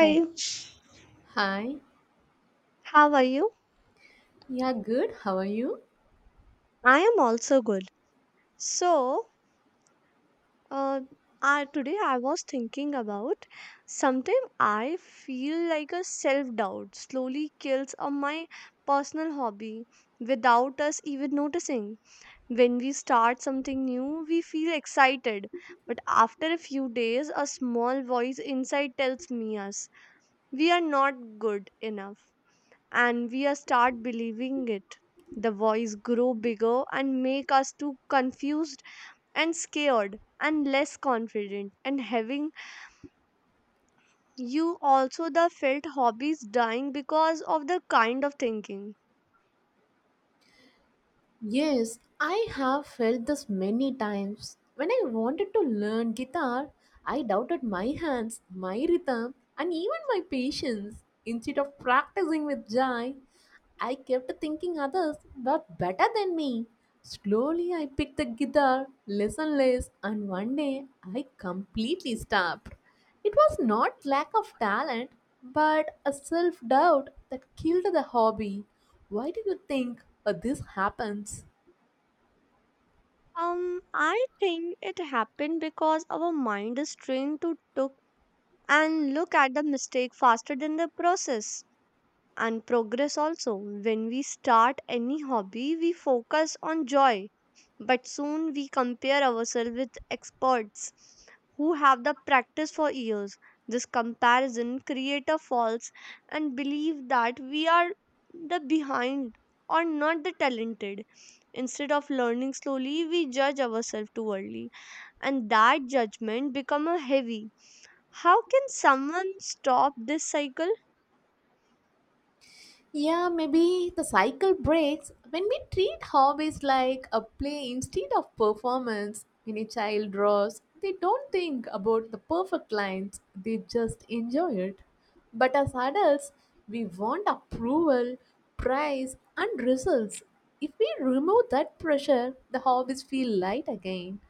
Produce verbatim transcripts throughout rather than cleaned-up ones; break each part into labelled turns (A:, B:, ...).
A: Oh, hi.
B: how are you?
A: Yeah, good. How are you?
B: I am also good. So, uh, I, today I was thinking about sometimes I feel like a self doubt slowly kills of my personal hobby without us even noticing. When we start something new, we feel excited, but after a few days, a small voice inside tells me us we are not good enough, and we are start believing it. The voice grow bigger and make us too confused and scared and less confident and having you also the felt hobbies dying because of the kind of thinking.
A: Yes, I have felt this many times. When I wanted to learn guitar, I doubted my hands, my rhythm, and even my patience. Instead of practicing with joy, I kept thinking others were better than me. Slowly, I picked the guitar, listened less, and one day I completely stopped. It was not lack of talent, but a self doubt that killed the hobby. Why do you think uh, this happens?
B: um I think it happened because our mind is trained to took and look at the mistake faster than the process and progress also. When we start any hobby, we focus on joy, but soon we compare ourselves with experts who have the practice for years. This comparison creates a false and believe that we are the behind or not the talented. Instead of learning slowly, we judge ourselves too early, and that judgment become a heavy. How can someone stop this cycle?
A: Yeah, maybe the cycle breaks when we treat hobbies like a play instead of performance. When a child draws, they don't think about the perfect lines, they just enjoy it. But as adults, we want approval, praise, and results. If we remove that pressure, the hobbies feel light again.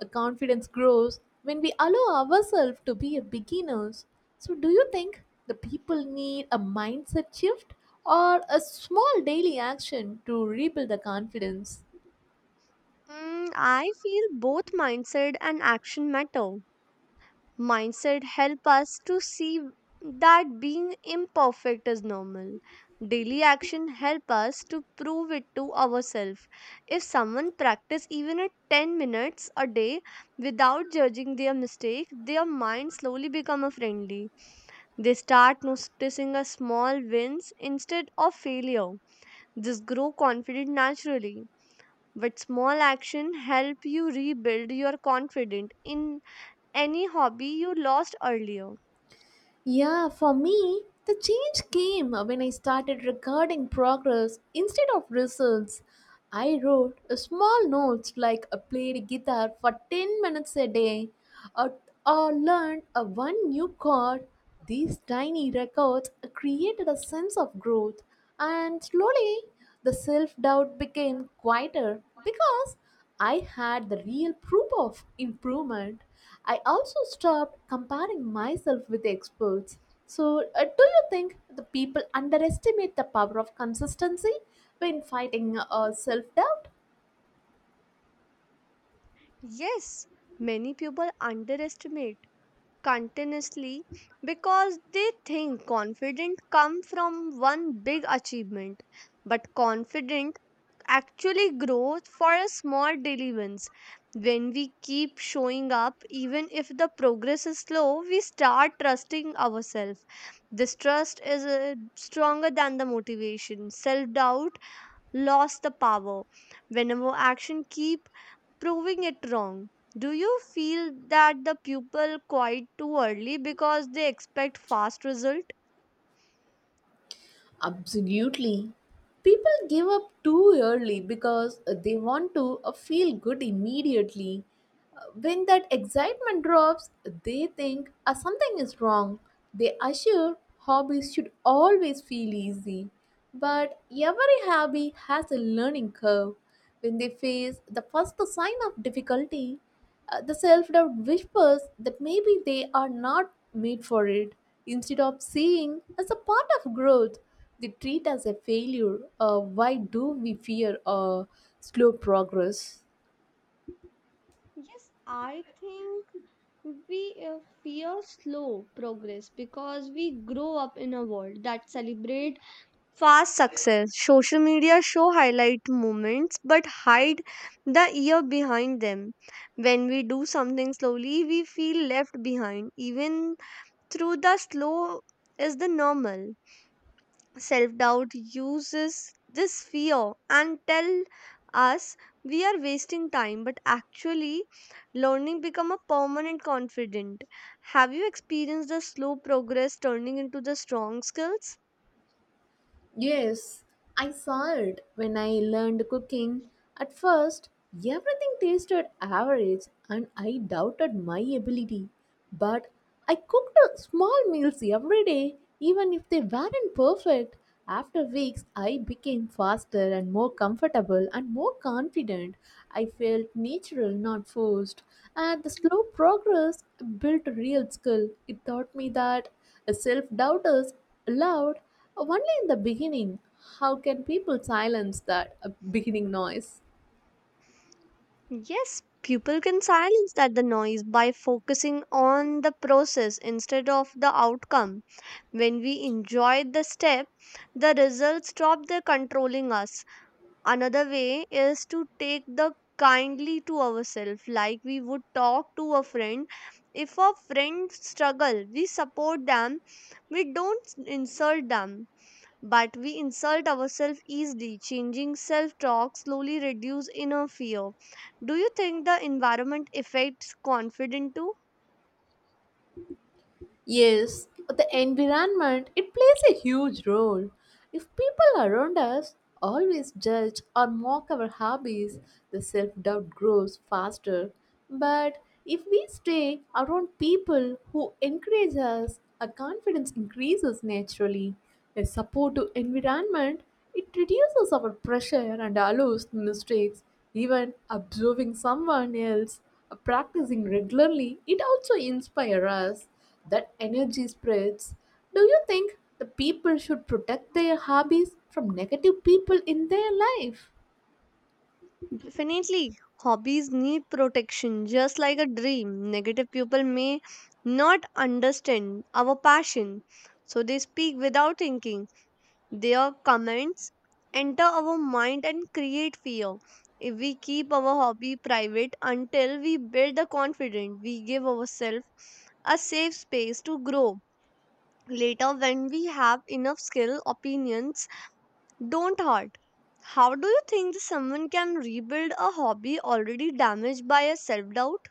A: A confidence grows when we allow ourselves to be a beginners. So do you think the people need a mindset shift or a small daily action to rebuild the confidence?
B: Mm, I feel both mindset and action matter. Mindset help us to see that being imperfect is normal. Daily action help us to prove it to ourselves. If someone practice even at ten minutes a day without judging their mistake, their mind slowly become a friendly. They start noticing a small wins instead of failure. This grow confident naturally. But small action help you rebuild your confidence in any hobby you lost earlier.
A: Yeah, for me, the change came when I started recording progress instead of results. I wrote a small notes like I played guitar for ten minutes a day or, or learned a one new chord. These tiny records created a sense of growth and slowly the self doubt became quieter because I had the real proof of improvement. I also stopped comparing myself with experts. So, uh, do you think the people underestimate the power of consistency when fighting uh, self doubt?
B: Yes, many people underestimate continuously because they think confidence come from one big achievement. But confidence actually growth for a small daily wins. When we keep showing up, even if the progress is slow, we start trusting ourselves. This trust is uh, stronger than the motivation. Self doubt lost the power. Whenever action keep proving it wrong. Do you feel that the pupil quite too early because they expect fast results?
A: Absolutely. People give up too early because they want to uh, feel good immediately. When that excitement drops, they think "Ah, something is wrong." They assure hobbies should always feel easy. But every hobby has a learning curve. When they face the first sign of difficulty, uh, the self doubt whispers that maybe they are not made for it. Instead of seeing as a part of growth, they treat as a failure. Uh, why do we fear uh, slow progress?
B: Yes, I think we uh, fear slow progress because we grow up in a world that celebrate fast success. Social media show highlight moments but hide the year behind them. When we do something slowly, we feel left behind even through the slow is the normal. Self doubt uses this fear and tell us we are wasting time, but actually learning become a permanent confident. Have you experienced the slow progress turning into the strong skills?
A: Yes, I saw it when I learned cooking. At first, everything tasted average and I doubted my ability. But I cooked uh, small meals every day, even if they weren't perfect. After weeks, I became faster and more comfortable and more confident. I felt natural, not forced. And the slow progress built real skill. It taught me that self doubters allowed only in the beginning. How can people silence that uh, beginning noise?
B: Yes, people can silence that the noise by focusing on the process instead of the outcome. When we enjoy the step, the results stop the controlling us. Another way is to take the kindly to ourselves like we would talk to a friend. If a friend struggle, we support them, we don't insult them, but we insult ourselves easily. Changing self talk slowly reduce inner fear. Do you think the environment affects confidence too?
A: Yes, the environment it plays a huge role. If people around us always judge or mock our hobbies, the self-doubt grows faster. But if we stay around people who encourage us, our confidence increases naturally. A supportive environment it reduces our pressure and allows mistakes. Even observing someone else practicing regularly, it also inspires us. That energy spreads. Do you think the people should protect their hobbies from negative people in their life?
B: Definitely, hobbies need protection just like a dream. Negative people may not understand our passion, so they speak without thinking. Their comments enter our mind and create fear. If we keep our hobby private until we build the confidence, we give ourselves a safe space to grow. Later, when we have enough skill, opinions, don't hurt. How do you think that someone can rebuild a hobby already damaged by a self doubt?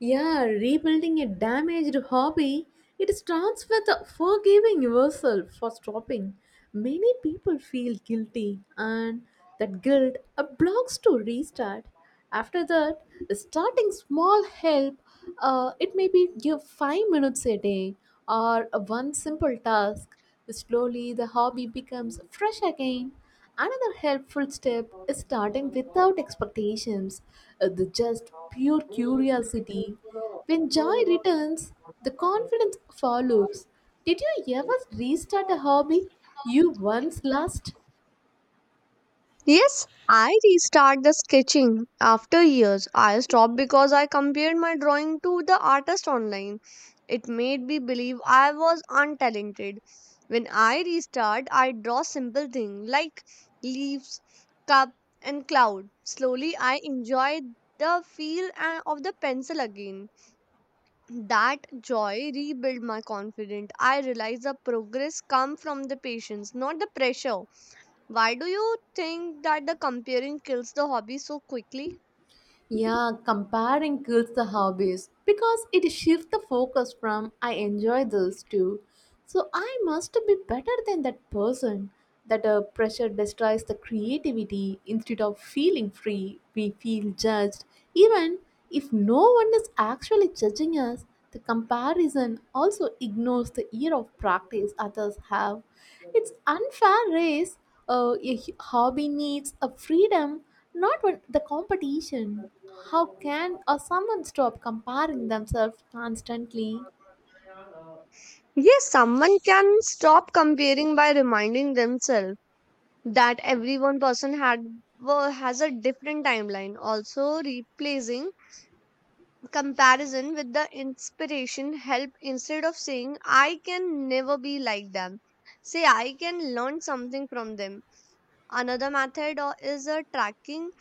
A: Yeah, rebuilding a damaged hobby, it starts with forgiving yourself for stopping. Many people feel guilty, and that guilt uh, blocks to restart. After that, starting small help. Uh, it may be give five minutes a day or uh, one simple task. Slowly, the hobby becomes fresh again. Another helpful step is starting without expectations, uh, the just pure curiosity. When joy returns, the confidence follows. Did you ever restart a hobby you once lost?
B: Yes, I restart the sketching after years. I stopped because I compared my drawing to the artist online. It made me believe I was untalented. When I restart, I draw simple things like leaves, cup, and cloud. Slowly, I enjoy the feel uh, of the pencil again. That joy rebuilt my confidence. I realized the progress come from the patience, not the pressure. Why do you think that the comparing kills the hobby so quickly?
A: Yeah, comparing kills the hobbies because it shifts the focus from I enjoy this too. So I must be better than that person. That uh, pressure destroys the creativity instead of feeling free. We feel judged. Even if no one is actually judging us, the comparison also ignores the year of practice others have. It's unfair race. Uh, a hobby needs a freedom, not when the competition. How can or someone stop comparing themselves constantly?
B: Yes, someone can stop comparing by reminding themselves that every one person had wo- has a different timeline. Also, replacing comparison with the inspiration help. Instead of saying I can never be like them, say I can learn something from them. Another method o- is uh, tracking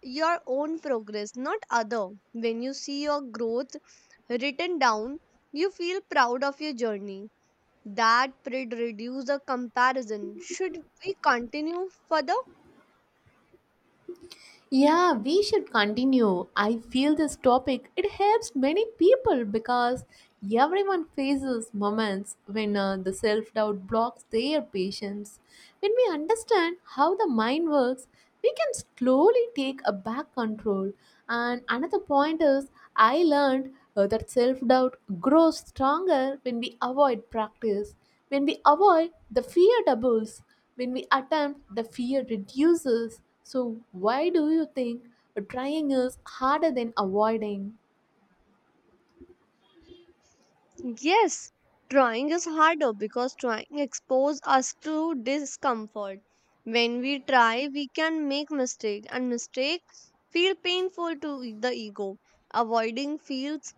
B: your own progress, not other. When you see your growth written down, you feel proud of your journey. That should reduce the comparison. Should we continue further?
A: Yeah, we should continue. I feel this topic it helps many people because everyone faces moments when uh, the self-doubt blocks their patience. When we understand how the mind works, we can slowly take a back control. And another point is I learned uh, that self-doubt grows stronger when we avoid practice. When we avoid, the fear doubles. When we attempt, the fear reduces. So, why do you think trying is harder than avoiding?
B: Yes, trying is harder because trying exposes us to discomfort. When we try, we can make mistake and mistake feel painful to the ego. Avoiding feels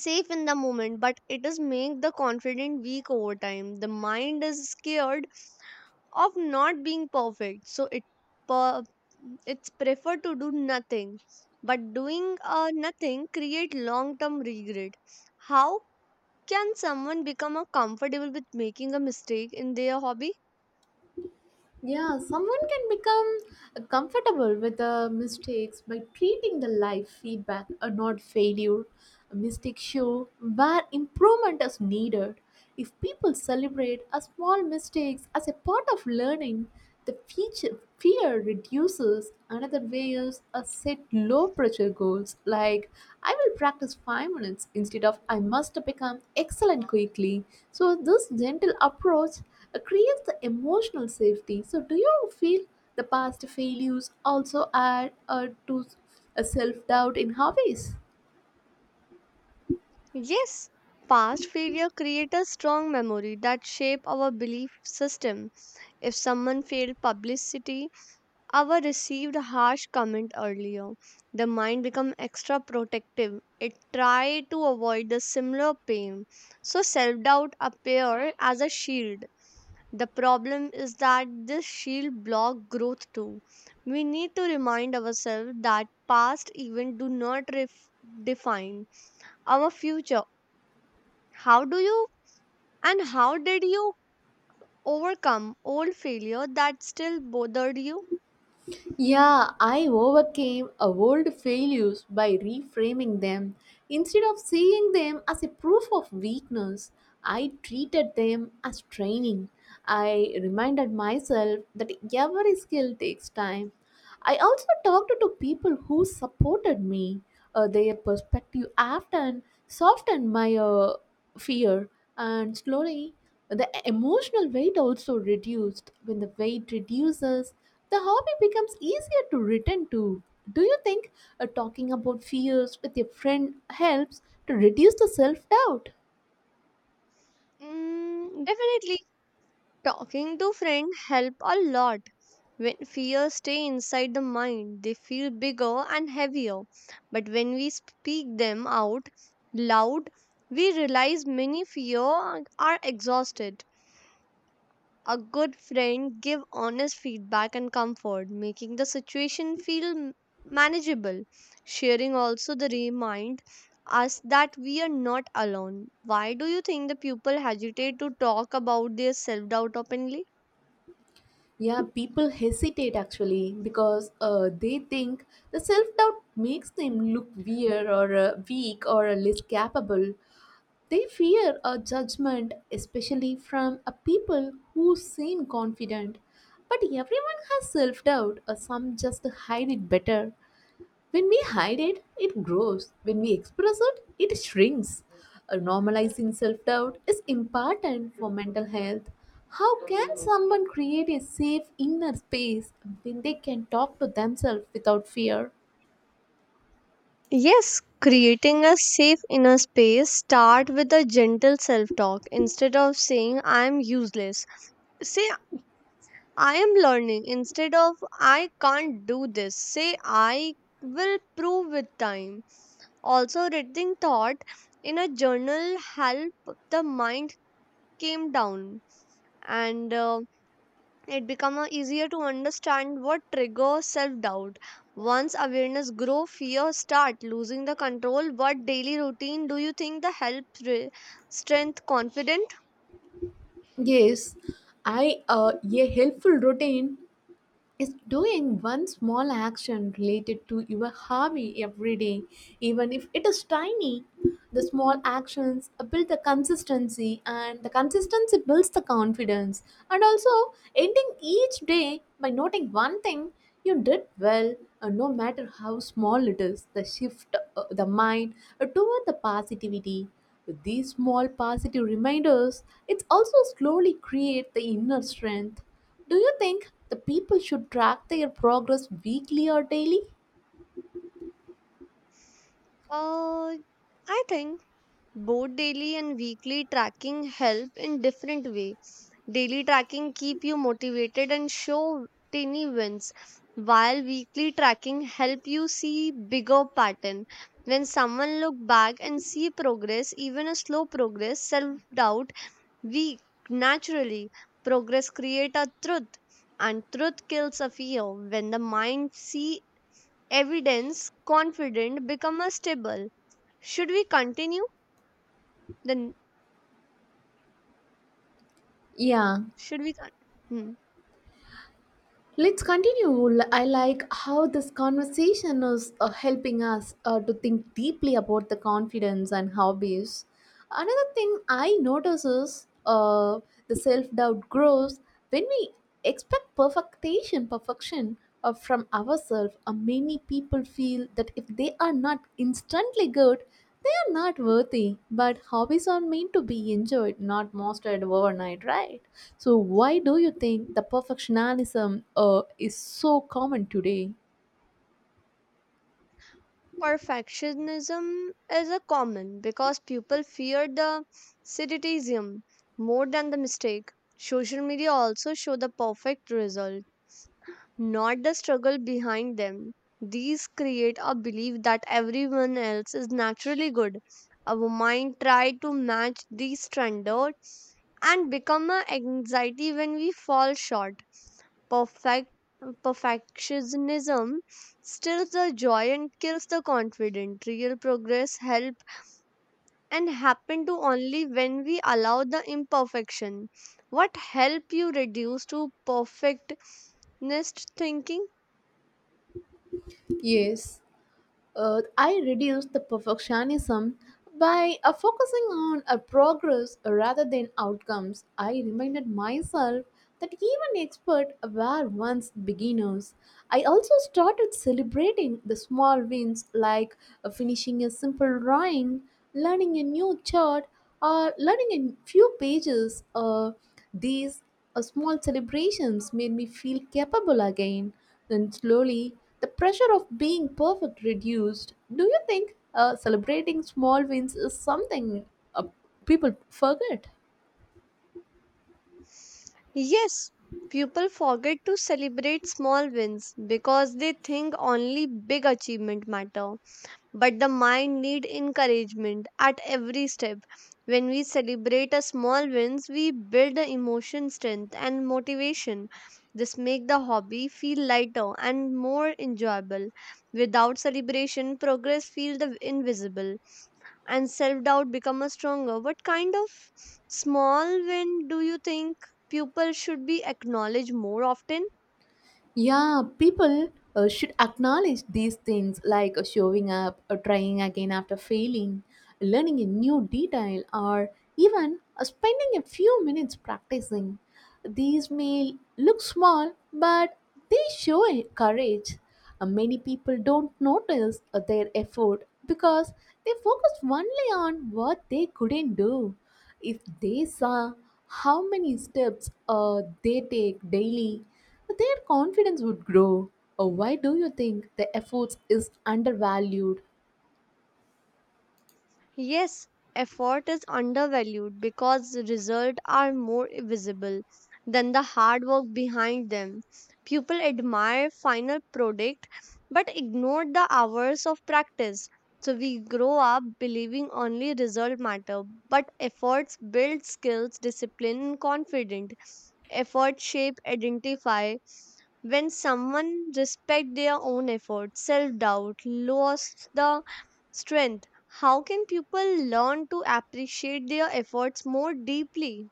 B: safe in the moment, but it is make the confident weak over time. The mind is scared of not being perfect, so it per- it's prefer to do nothing, but doing uh, nothing create long term regret. How can someone become uh, comfortable with making a mistake in their hobby?
A: Yeah, someone can become comfortable with uh, mistakes by treating the life feedback or not failure. Mistakes show where improvement is needed. If people celebrate a small mistakes as a part of learning, the feature, fear reduces. Another way is a set low pressure goals like I will practice five minutes instead of I must become excellent quickly. So this gentle approach uh, creates the emotional safety. So, do you feel the past failures also add uh, to a self doubt in hobbies?
B: Yes, past failure create a strong memory that shape our belief system. If someone failed publicity. Our received a harsh comment earlier. The mind become extra protective. It try to avoid the similar pain. So self-doubt appear as a shield. The problem is that this shield block growth too. We need to remind ourselves that past event do not ref- define our future. How do you and how did you overcome old failure that still bothered you?
A: Yeah, I overcame a world failures by reframing them. Instead of seeing them as a proof of weakness, I treated them as training. I reminded myself that every skill takes time. I also talked to people who supported me. Uh, their perspective often softened my uh, fear, and slowly the emotional weight also reduced. When the weight reduces, the hobby becomes easier to return to. Do you think uh, talking about fears with your friend helps to reduce the self doubt?
B: Mm, definitely. Talking to friends help a lot. When fears stay inside the mind, they feel bigger and heavier. But when we speak them out loud, we realize many fear are exhausted. A good friend give honest feedback and comfort, making the situation feel m- manageable. Sharing also the remind us that we are not alone. Why do you think the people hesitate to talk about their self doubt openly?
A: Yeah, people hesitate actually because uh, they think the self doubt makes them look weird or uh, weak or uh, less capable. They fear a judgment, especially from a people who seem confident. But everyone has self doubt, or some just hide it better. When we hide it, it grows. When we express it, it shrinks. Uh, Normalizing self doubt is important for mental health. How can someone create a safe inner space when they can talk to themselves without fear?
B: Yes, creating a safe inner space start with a gentle self-talk. Instead of saying I am useless, say I am learning. Instead of I can't do this, say I will prove with time. Also reading thought in a journal help the mind came down, and uh, it becomes easier to understand what triggers self-doubt. Once awareness grow, fear start losing the control. What daily routine do you think the help re- strength confident?
A: Yes, I uh, a helpful routine is doing one small action related to your hobby every day, even if it is tiny. The small actions build the consistency, and the consistency builds the confidence. And also, ending each day by noting one thing you did well, uh, no matter how small it is, the shift uh, the mind uh, toward the positivity. With these small positive reminders, it also slowly create the inner strength. Do you think the people should track their progress weekly or daily?
B: uh, I think both daily and weekly tracking help in different way. Daily tracking keep you motivated and show tiny wins, while weekly tracking help you see bigger pattern. When someone look back and see progress, even a slow progress, self-doubt weak naturally. Progress create a truth, and truth kills a fear. When the mind see evidence, confident become a stable. Should we continue? Then
A: Yeah,
B: should we? Con- hmm.
A: let's continue. L- I like how this conversation is uh, helping us uh, to think deeply about the confidence and hobbies. Another thing I notice is uh, the self doubt grows when we expect perfectation, perfection uh, from ourselves. Uh, many people feel that if they are not instantly good, they are not worthy. But hobbies are meant to be enjoyed, not mastered overnight, right? So, why do you think the perfectionism uh, is so common today?
B: Perfectionism is a common because people fear the criticism more than the mistake. Social media also show the perfect result, not the struggle behind them. These create a belief that everyone else is naturally good. Our mind try to match these standards and become an anxiety when we fall short. Perfect perfectionism steals the joy and kills the confidence. Real progress help and happen to only when we allow the imperfection. What help you reduce to perfectionist thinking?
A: Yes. uh, I reduce the perfectionism by uh, focusing on a progress rather than outcomes. I reminded myself that even experts were once beginners. I also started celebrating the small wins like uh, finishing a simple drawing, learning a new chart, or learning a few pages. Uh, these a small celebrations made me feel capable again. Then slowly, the pressure of being perfect reduced. Do you think uh, celebrating small wins is something uh, people forget?
B: Yes, people forget to celebrate small wins because they think only big achievement matter. But the mind need encouragement at every step. When we celebrate a small wins, we build a emotion strength and motivation. This make the hobby feel lighter and more enjoyable. Without celebration, progress feel the invisible and self doubt become a stronger. What kind of small win do you think people should be acknowledged more often?
A: Yeah, people uh, should acknowledge these things like uh, showing up, or trying again after failing, learning a new detail, or even uh, spending a few minutes practicing. These may look small, but they show a courage. Uh, many people don't notice uh, their effort because they focus only on what they couldn't do. If they saw how many steps uh, they take daily, their confidence would grow. Uh, why do you think the efforts is undervalued?
B: Yes, effort is undervalued because the results are more visible than the hard work behind them. People admire final product but ignore the hours of practice. So we grow up believing only result matter, but efforts build skills, discipline, and confidence. Effort shape identify. When someone respect their own effort, self-doubt lost the strength. How can people learn to appreciate their efforts more deeply?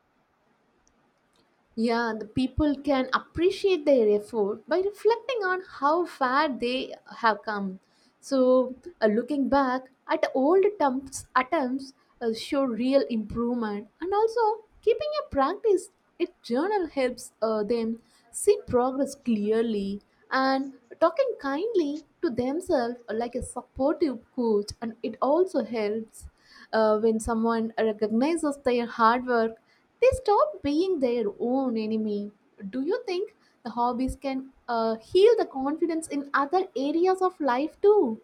A: Yeah, the people can appreciate their effort by reflecting on how far they have come. So, uh, looking back at old attempts, attempts uh, show real improvement, and also keeping a practice, it journal helps uh, them see progress clearly and talking kindly to themselves uh, like a supportive coach, and it also helps uh, when someone recognizes their hard work they stop being their own enemy. Do you think the hobbies can uh, heal the confidence in other areas of life too?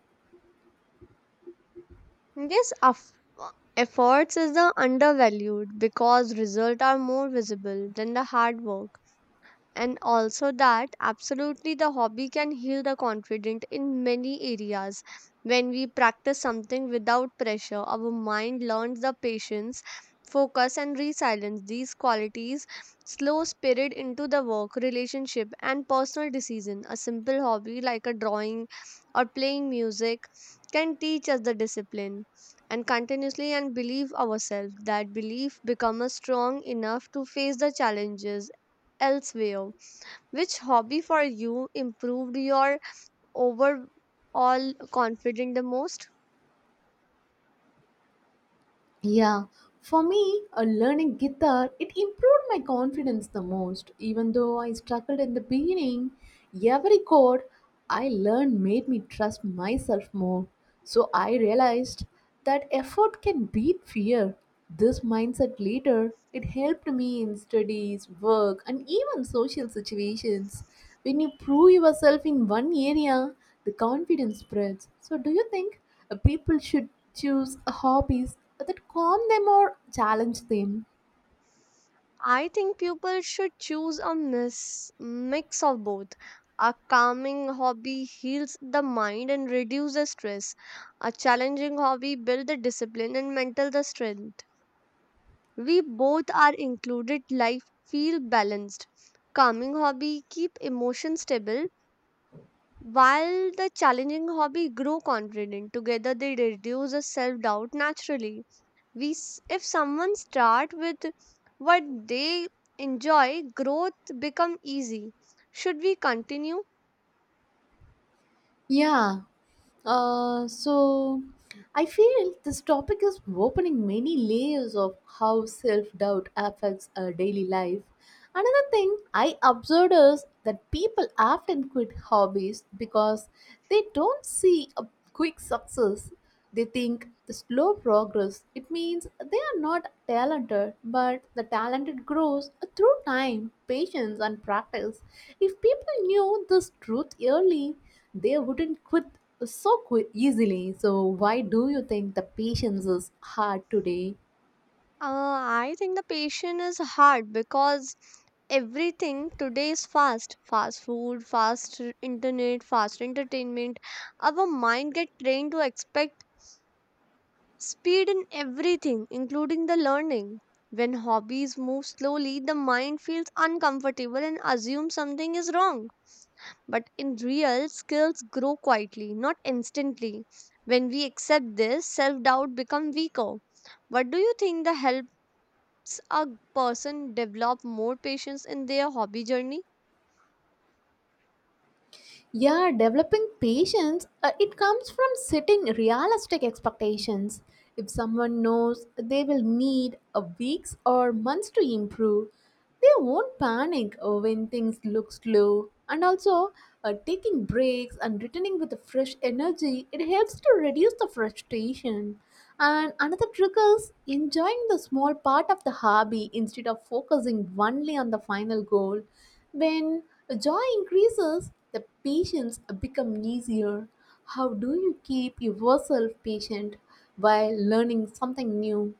B: Yes of efforts is the undervalued because results are more visible than the hard work. And also that absolutely the hobby can heal the confident in many areas. When we practice something without pressure, our mind learns the patience, focus and resilience. These qualities slow spirit into the work, relationship and personal decision. A simple hobby like a drawing or playing music can teach us the discipline and continuously and believe ourselves that belief become strong enough to face the challenges elsewhere. Which hobby for you improved your overall confidence the most?
A: Yeah, for me, uh, learning guitar, it improved my confidence the most. Even though I struggled in the beginning, every chord I learned made me trust myself more. So I realized that effort can beat fear. This mindset later, it helped me in studies, work, and even social situations. When you prove yourself in one area, the confidence spreads. So do you think? Uh, People should choose hobbies that calm them or challenge them.
B: I think people should choose a mis- mix of both. A calming hobby heals the mind and reduces stress. A challenging hobby builds the discipline and mental the strength. We both are included life feel balanced. Calming hobby keep emotion stable. While the challenging hobby grow confident, together they reduce the self doubt naturally. We, s- if someone start with what they enjoy, growth become easy. Should we continue?
A: Yeah. Uh, so I feel this topic is opening many layers of how self doubt affects our daily life. Another thing I observed is that people often quit hobbies because they don't see a quick success. They think the slow progress it means they are not talented, but the talented grows through time, patience, and practice. If people knew this truth early, they wouldn't quit so qui- easily. So why do you think the patience is hard today?
B: Uh, I think the patient is hard because everything today is fast. Fast food, fast internet, fast entertainment. Our mind get trained to expect speed in everything, including the learning. When hobbies move slowly, the mind feels uncomfortable and assumes something is wrong. But in real, skills grow quietly, not instantly. When we accept this, self doubt becomes weaker. What do you think that helps a person develop more patience in their hobby journey?
A: Yeah, developing patience, uh, it comes from setting realistic expectations. If someone knows they will need a weeks or months to improve, they won't panic uh, when things look slow. And also, uh, taking breaks and returning with a fresh energy, it helps to reduce the frustration. And another trick is enjoying the small part of the hobby instead of focusing only on the final goal. When joy increases, the patience becomes easier. How do you keep yourself patient while learning something new?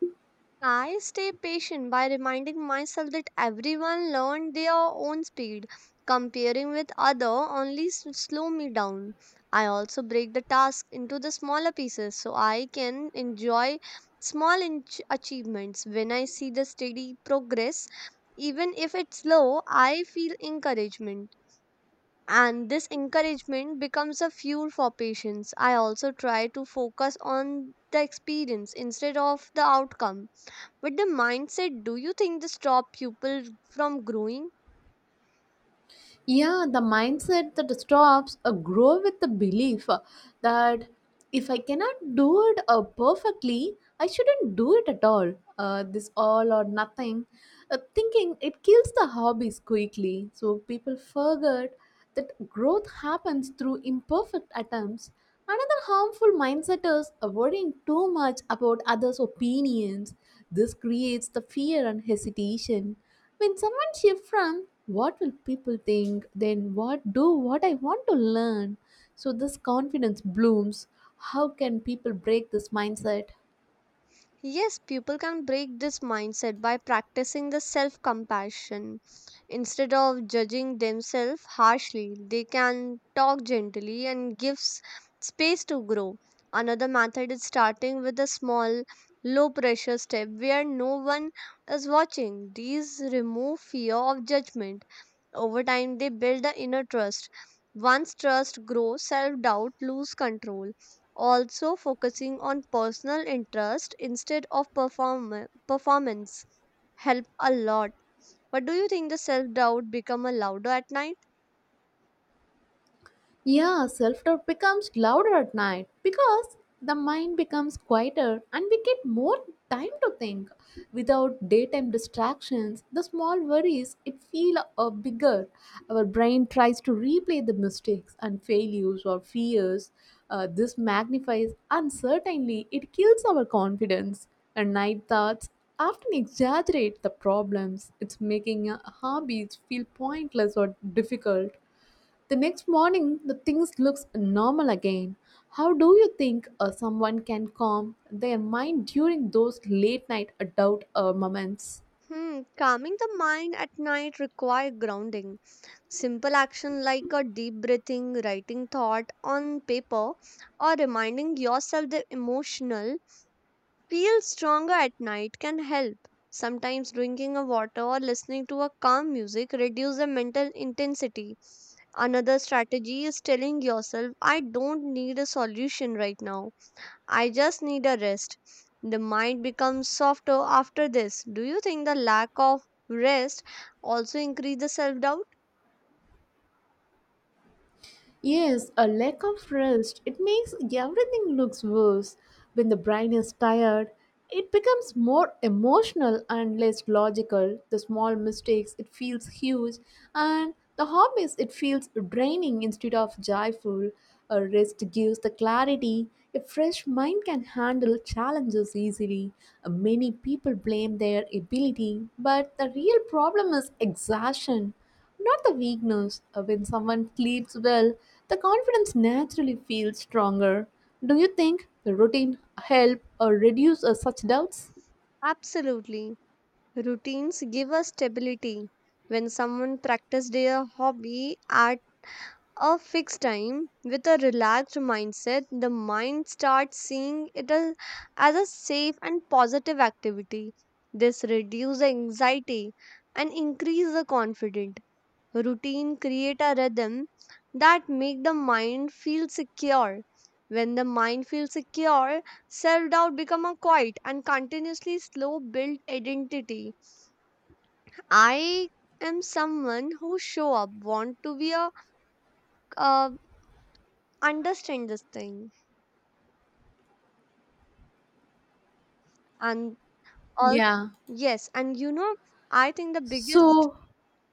B: I stay patient by reminding myself that everyone learned their own speed. Comparing with other only s- slow me down. I also break the task into the smaller pieces so I can enjoy small inch achievements. When I see the steady progress, even if it's slow, I feel encouragement. And this encouragement becomes a fuel for patience. I also try to focus on the experience instead of the outcome. But the mindset, do you think this stop people from growing?
A: Yeah, the mindset that stops uh, grow with the belief uh, that if I cannot do it uh, perfectly I shouldn't do it at all. Uh, this all or nothing uh, thinking it kills the hobbies quickly, so people forget that growth happens through imperfect attempts. Another harmful mindset is uh, worrying too much about others opinions. This creates the fear and hesitation when someone shifts from what will people think, then what do what I want to learn. So this confidence blooms. How can people break this mindset?
B: Yes, people can break this mindset by practicing the self compassion. Instead of judging themselves harshly, they can talk gently and give s- space to grow. Another method is starting with a small, low pressure step where no one is watching. These remove fear of judgment. Over time, they build the inner trust. Once trust grows, self doubt lose control. Also focusing on personal interest instead of perform- performance help a lot. But do you think the self-doubt become a louder at night?
A: Yeah, self doubt becomes louder at night because the mind becomes quieter and we get more time to think. Without daytime distractions, the small worries it feel uh, bigger. Our brain tries to replay the mistakes and failures or fears. Uh, this magnifies uncertainty. It kills our confidence. And night thoughts often exaggerate the problems. It's making uh, hobbies feel pointless or difficult. The next morning, the things looks normal again. How do you think uh, someone can calm their mind during those late night doubt uh, moments?
B: Hmm, calming the mind at night require grounding. Simple action like a deep breathing, writing thought on paper, or reminding yourself the emotional feel stronger at night can help. Sometimes drinking a water or listening to a calm music reduce the mental intensity. Another strategy is telling yourself, I don't need a solution right now. I just need a rest. The mind becomes softer after this. Do you think the lack of rest also increase the self doubt?
A: Yes, a lack of rest, it makes everything looks worse. When the brain is tired, it becomes more emotional and less logical. The small mistakes, it feels huge, and the hobbies, it feels draining instead of joyful. A rest gives the clarity. A fresh mind can handle challenges easily. Uh, Many people blame their ability, but the real problem is exhaustion. Not the weakness. Uh, When someone sleeps well, the confidence naturally feels stronger. Do you think the routine help or reduce uh, such doubts?
B: Absolutely. Routines give us stability. When someone practices their hobby at a fixed time with a relaxed mindset, the mind starts seeing it as, as a safe and positive activity. This reduces anxiety and increases the confidence. Routine create a rhythm that make the mind feel secure. When the mind feels secure, self doubt become a quiet and continuously slow build identity. I am someone who show up, want to be a uh, understand this thing and all.
A: Yeah.
B: Yes, and you know I think the biggest.
A: So,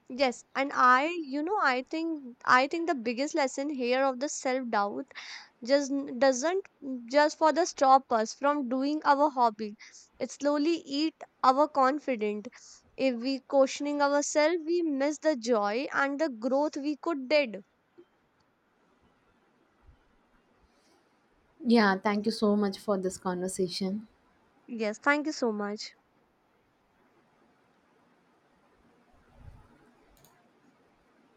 B: Yes and I you know I think I think the biggest lesson here of the self doubt just n- doesn't just for the stop us from doing our hobby. It slowly eat our confidence. If we questioning ourselves, we miss the joy and the growth we could did.
A: yeah, Thank you so much for this conversation.
B: Yes, thank you so much.